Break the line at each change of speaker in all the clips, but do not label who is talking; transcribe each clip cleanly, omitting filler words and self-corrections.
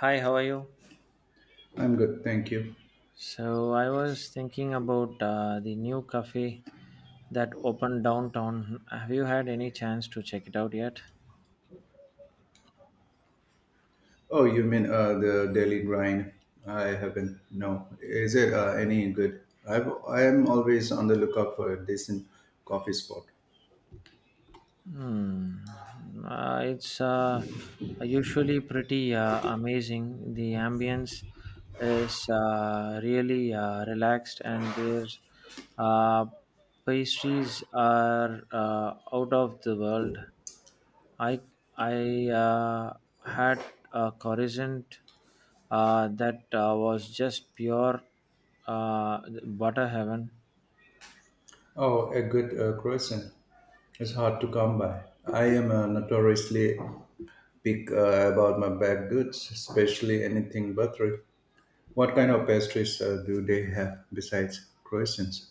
Hi, how are you?
I'm good, thank you.
So I was thinking about the new cafe that opened downtown. Have you had any chance to check it out yet?
Oh, you mean the Daily Grind? I haven't. No, is it any good? I am always on the lookout for a decent coffee spot.
Hmm. It's usually pretty amazing. The ambience is really relaxed, and their uh, pastries are out of the world. I I had a croissant that was just pure uh, butter heaven.
Oh, a good croissant. It's hard to come by. I am notoriously pick about my baked goods, especially anything buttery. What kind of pastries do they have besides croissants?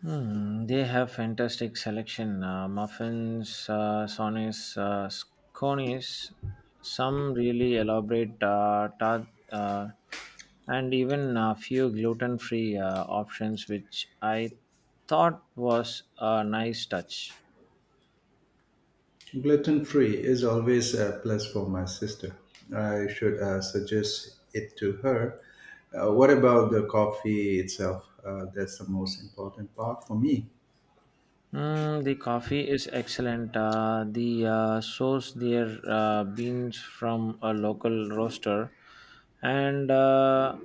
Hmm, they have fantastic selection muffins, scones, some really elaborate tart, and even a few gluten-free options, which I thought was a nice touch.
Gluten free is always a plus for my sister. I should suggest it to her. What about the coffee itself? That's the most important part for me.
Mm, the coffee is excellent. The source their beans from a local roaster, and uh,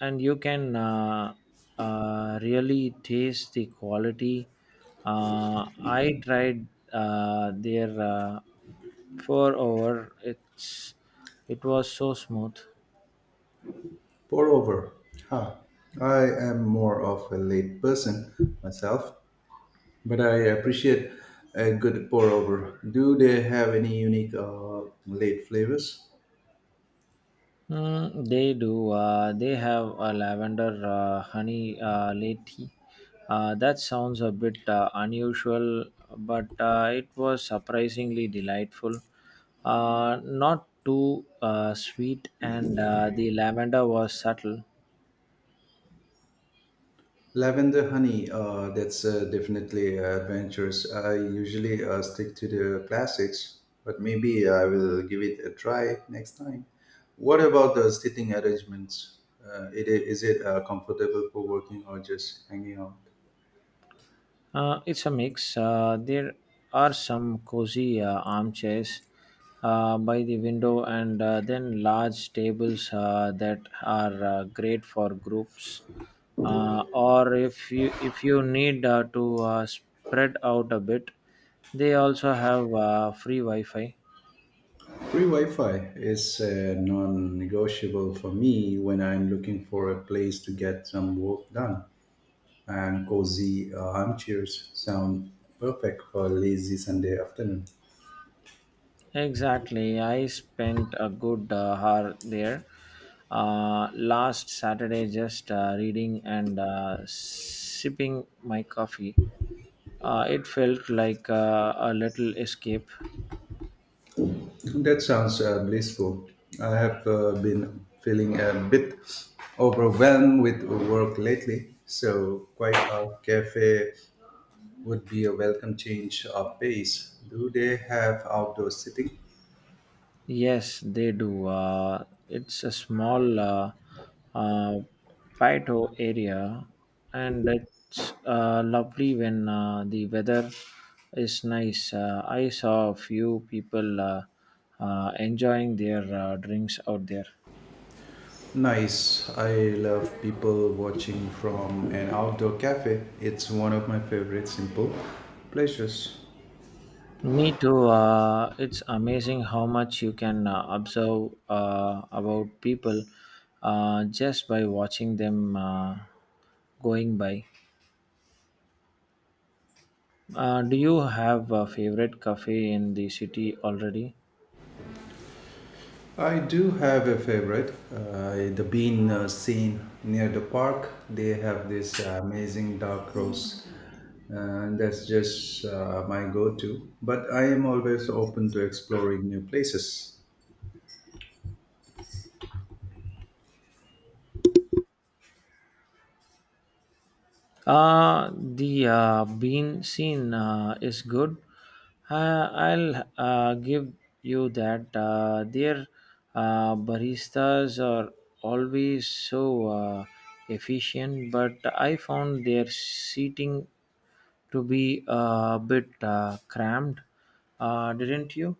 and you can really taste the quality. I tried their pour over. It was so smooth.
Pour over. Huh. I am more of a late person myself, but I appreciate a good pour over. Do they have any unique late flavors?
Mm, they do. They have a lavender honey latte. That sounds a bit unusual, but it was surprisingly delightful. Not too sweet, and the lavender was subtle.
Lavender honey, that's definitely adventurous. I usually stick to the classics, but maybe I will give it a try next time. What about the sitting arrangements? Is it comfortable for working or just hanging out?
It's a mix. There are some cozy armchairs by the window, and then large tables that are great for groups. Or if you need to spread out a bit, they also have free Wi-Fi.
Free Wi Fi is non negotiable for me when I'm looking for a place to get some work done. And cozy armchairs sound perfect for a lazy Sunday afternoon.
Exactly. I spent a good hour there last Saturday just reading and sipping my coffee. It felt like a little escape.
That sounds blissful. I have been feeling a bit overwhelmed with work lately, so quite a cafe would be a welcome change of pace. Do they have outdoor seating?
Yes, they do. It's a small uh, Paito area, and it's lovely when the weather is nice. I saw a few people enjoying their drinks out there.
Nice. I love people watching from an outdoor cafe. It's one of my favorite simple pleasures.
Me too. It's amazing how much you can observe about people just by watching them going by. Do you have a favorite cafe in the city already?
I do have a favorite. The bean scene near the park. They have this amazing dark roast, and that's just my go-to. But I am always open to exploring new places.
The bean scene is good. I'll give you that. Their baristas are always so efficient, but I found their seating to be a bit cramped. Didn't you?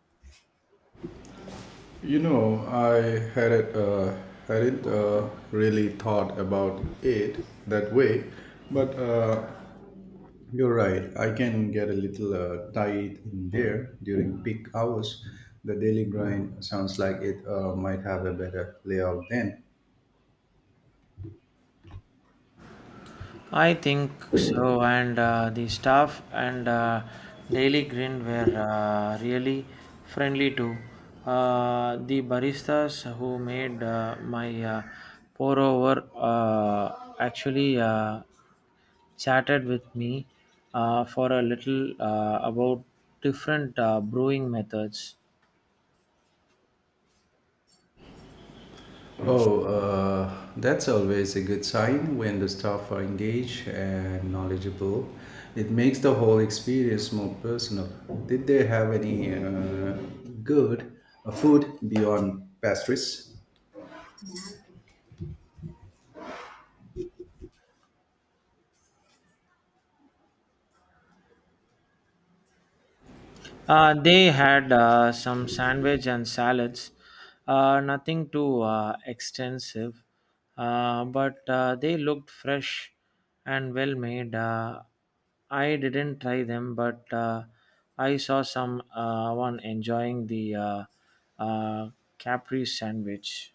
You know, I hadn't hadn't really thought about it that way, but you're right. I can get a little tight in there during peak hours. The Daily Grind sounds like it might have a better layout then.
I think so, and the staff and Daily Green were really friendly too. The baristas who made my pour over actually chatted with me for a little about different brewing methods.
Oh, that's always a good sign when the staff are engaged and knowledgeable. It makes the whole experience more personal. Did they have any good food beyond pastries?
They had some sandwich and salads, nothing too extensive, but they looked fresh and well made. I didn't try them, but I saw some one enjoying the uh, Capri sandwich.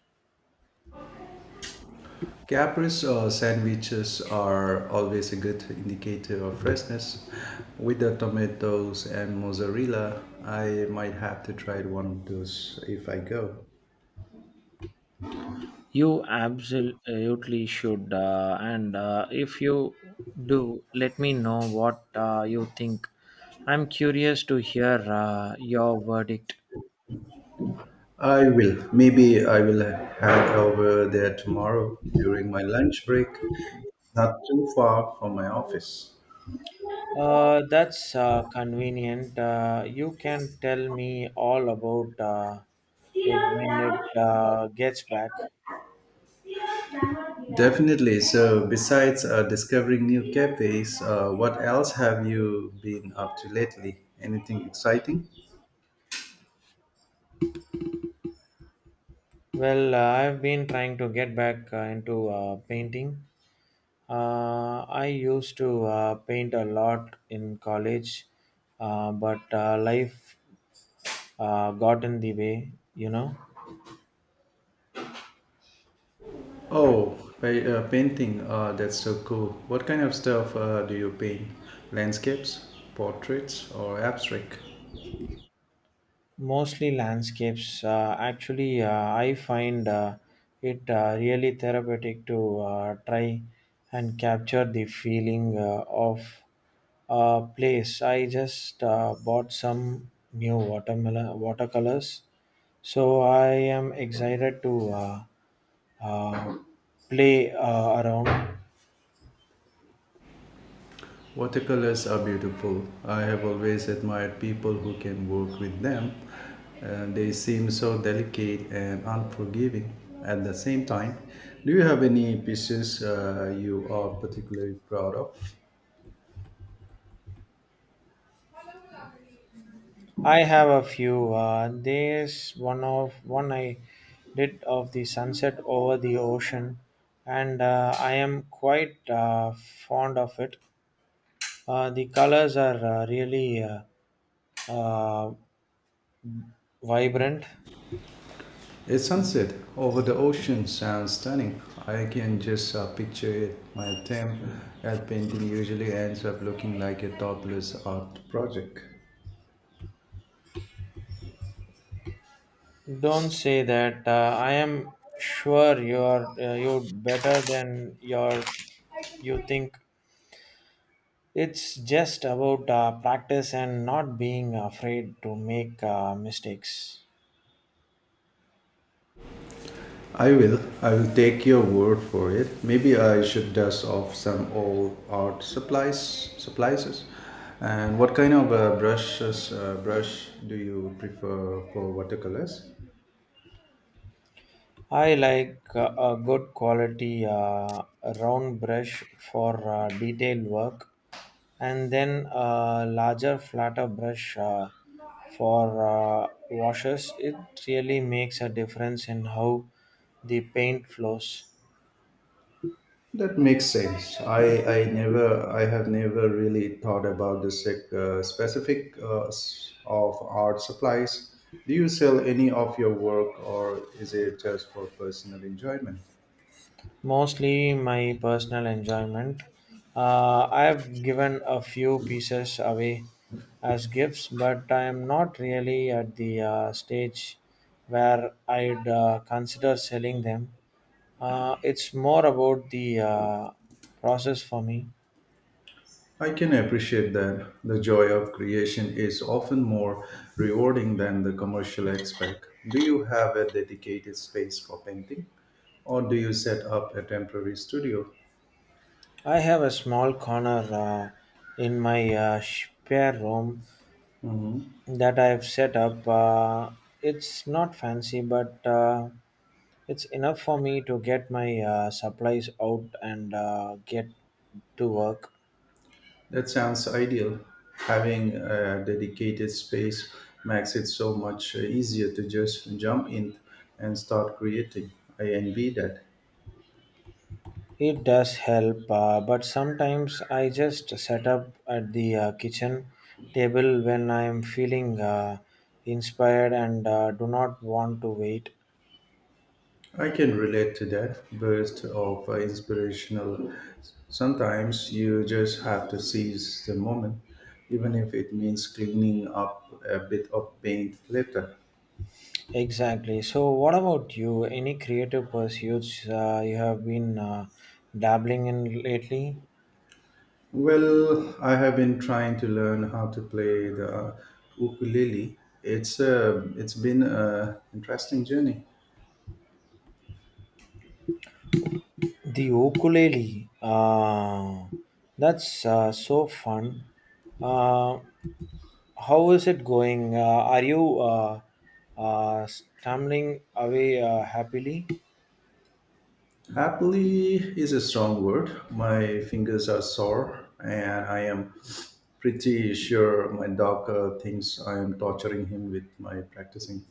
Caprese sandwiches are always a good indicator of freshness. With the tomatoes and mozzarella, I might have to try one of those if I go.
You absolutely should. And if you do, let me know what you think. I'm curious to hear your verdict.
I will. Maybe I will head over there tomorrow during my lunch break, not too far from my office.
That's convenient. You can tell me all about it
Steelers
when
Bengals
it gets back.
Eagles. Steelers Bengals Eagles. Definitely. So, besides discovering new cafes, what else have you been up to lately? Anything exciting?
Well, I've been trying to get back into painting. I used to paint a lot in college, but life got in the way, you know.
Oh, painting. That's so cool. What kind of stuff do you paint? Landscapes, portraits, or abstract?
Mostly landscapes actually. I find it really therapeutic to try and capture the feeling of a place. I just bought some new watermelon watercolors, so I am excited to uh, play around.
Watercolors are beautiful. I have always admired people who can work with them. And they seem so delicate and unforgiving at the same time. Do you have any pieces you are particularly proud of?
I have a few. There's one I did of the sunset over the ocean, and I am quite fond of it. The colors are really uh, vibrant.
A sunset over the ocean sounds stunning. I can just picture it. My attempt at painting usually ends up looking like a topless art project.
Don't say that. I am sure you're better than your you think. It's just about practice and not being afraid to make mistakes.
I will. I will take your word for it. Maybe I should dust off some old art supplies. Supplies. And what kind of brush do you prefer for watercolors?
I like a good quality round brush for detailed work and then a larger flatter brush for washes. It really makes a difference in how the paint flows.
That makes sense. I never I have never really thought about the specific of art supplies. Do you sell any of your work, or is it just for personal enjoyment?
Mostly my personal enjoyment. I have given a few pieces away as gifts, but I am not really at the stage where I'd consider selling them. It's more about the process for me.
I can appreciate that the joy of creation is often more rewarding than the commercial aspect. Do you have a dedicated space for painting or do you set up a temporary studio?
I have a small corner in my spare room
Hmm.
that I've set up. It's not fancy, but it's enough for me to get my supplies out and get to work.
That sounds ideal. Having a dedicated space makes it so much easier to just jump in and start creating. I envy that.
It does help, but sometimes I just set up at the kitchen table when I'm feeling inspired and do not want to wait.
I can relate to that burst of inspirational. Sometimes you just have to seize the moment, even if it means cleaning up a bit of paint later.
Exactly. So, what about you? Any creative pursuits you have been dabbling in lately?
Well, I have been trying to learn how to play the ukulele. It's been an interesting journey.
The ukulele. That's so fun. Uh, how is it going? Are you stumbling away happily?
Happily is a strong word. My fingers are sore, and I am pretty sure my dog thinks I am torturing him with my practicing.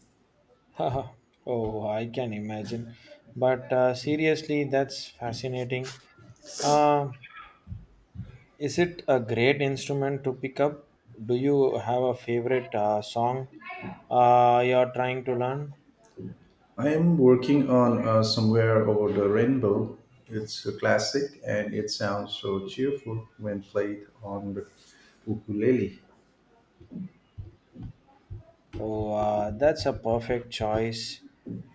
Oh, I can imagine. But seriously, that's fascinating. Uh, is it a great instrument to pick up? Do you have a favorite song you're trying to learn?
I am working on Somewhere Over the Rainbow. It's a classic and it sounds so cheerful when played on the ukulele.
Oh, that's a perfect choice.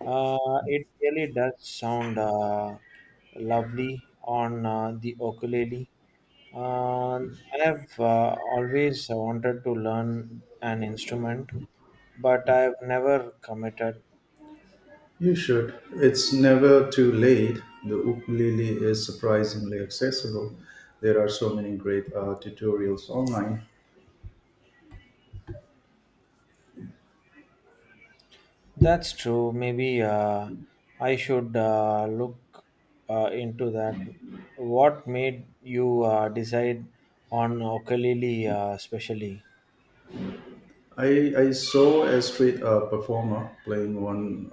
Uh, it really does sound lovely on the ukulele. Uh, I have always wanted to learn an instrument, but I've never committed.
You should. It's never too late. The ukulele is surprisingly accessible. There are so many great tutorials online.
That's true. Maybe I should look into that. What made you decide on ukulele, especially?
I saw a street performer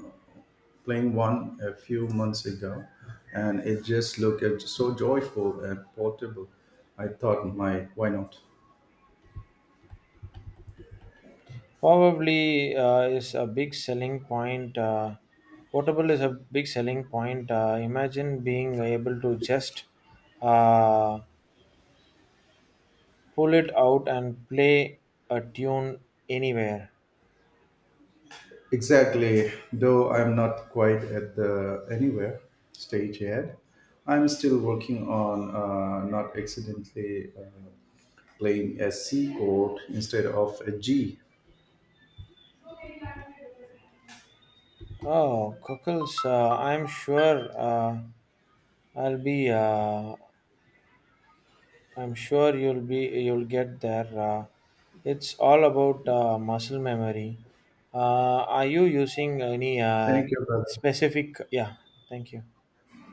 playing one a few months ago, and it just looked so joyful and portable. I thought, my why not?
Probably is a big selling point. Portable is a big selling point. Imagine being able to just uh, pull it out and play a tune anywhere.
Exactly. Though I'm not quite at the anywhere stage yet, I'm still working on not accidentally playing a C chord instead of a G.
Oh, cockles! I'm sure I'll be. I'm sure you'll be. You'll get there. It's all about muscle memory. Are you using any
Thank you, brother.
specific? Yeah. Thank you.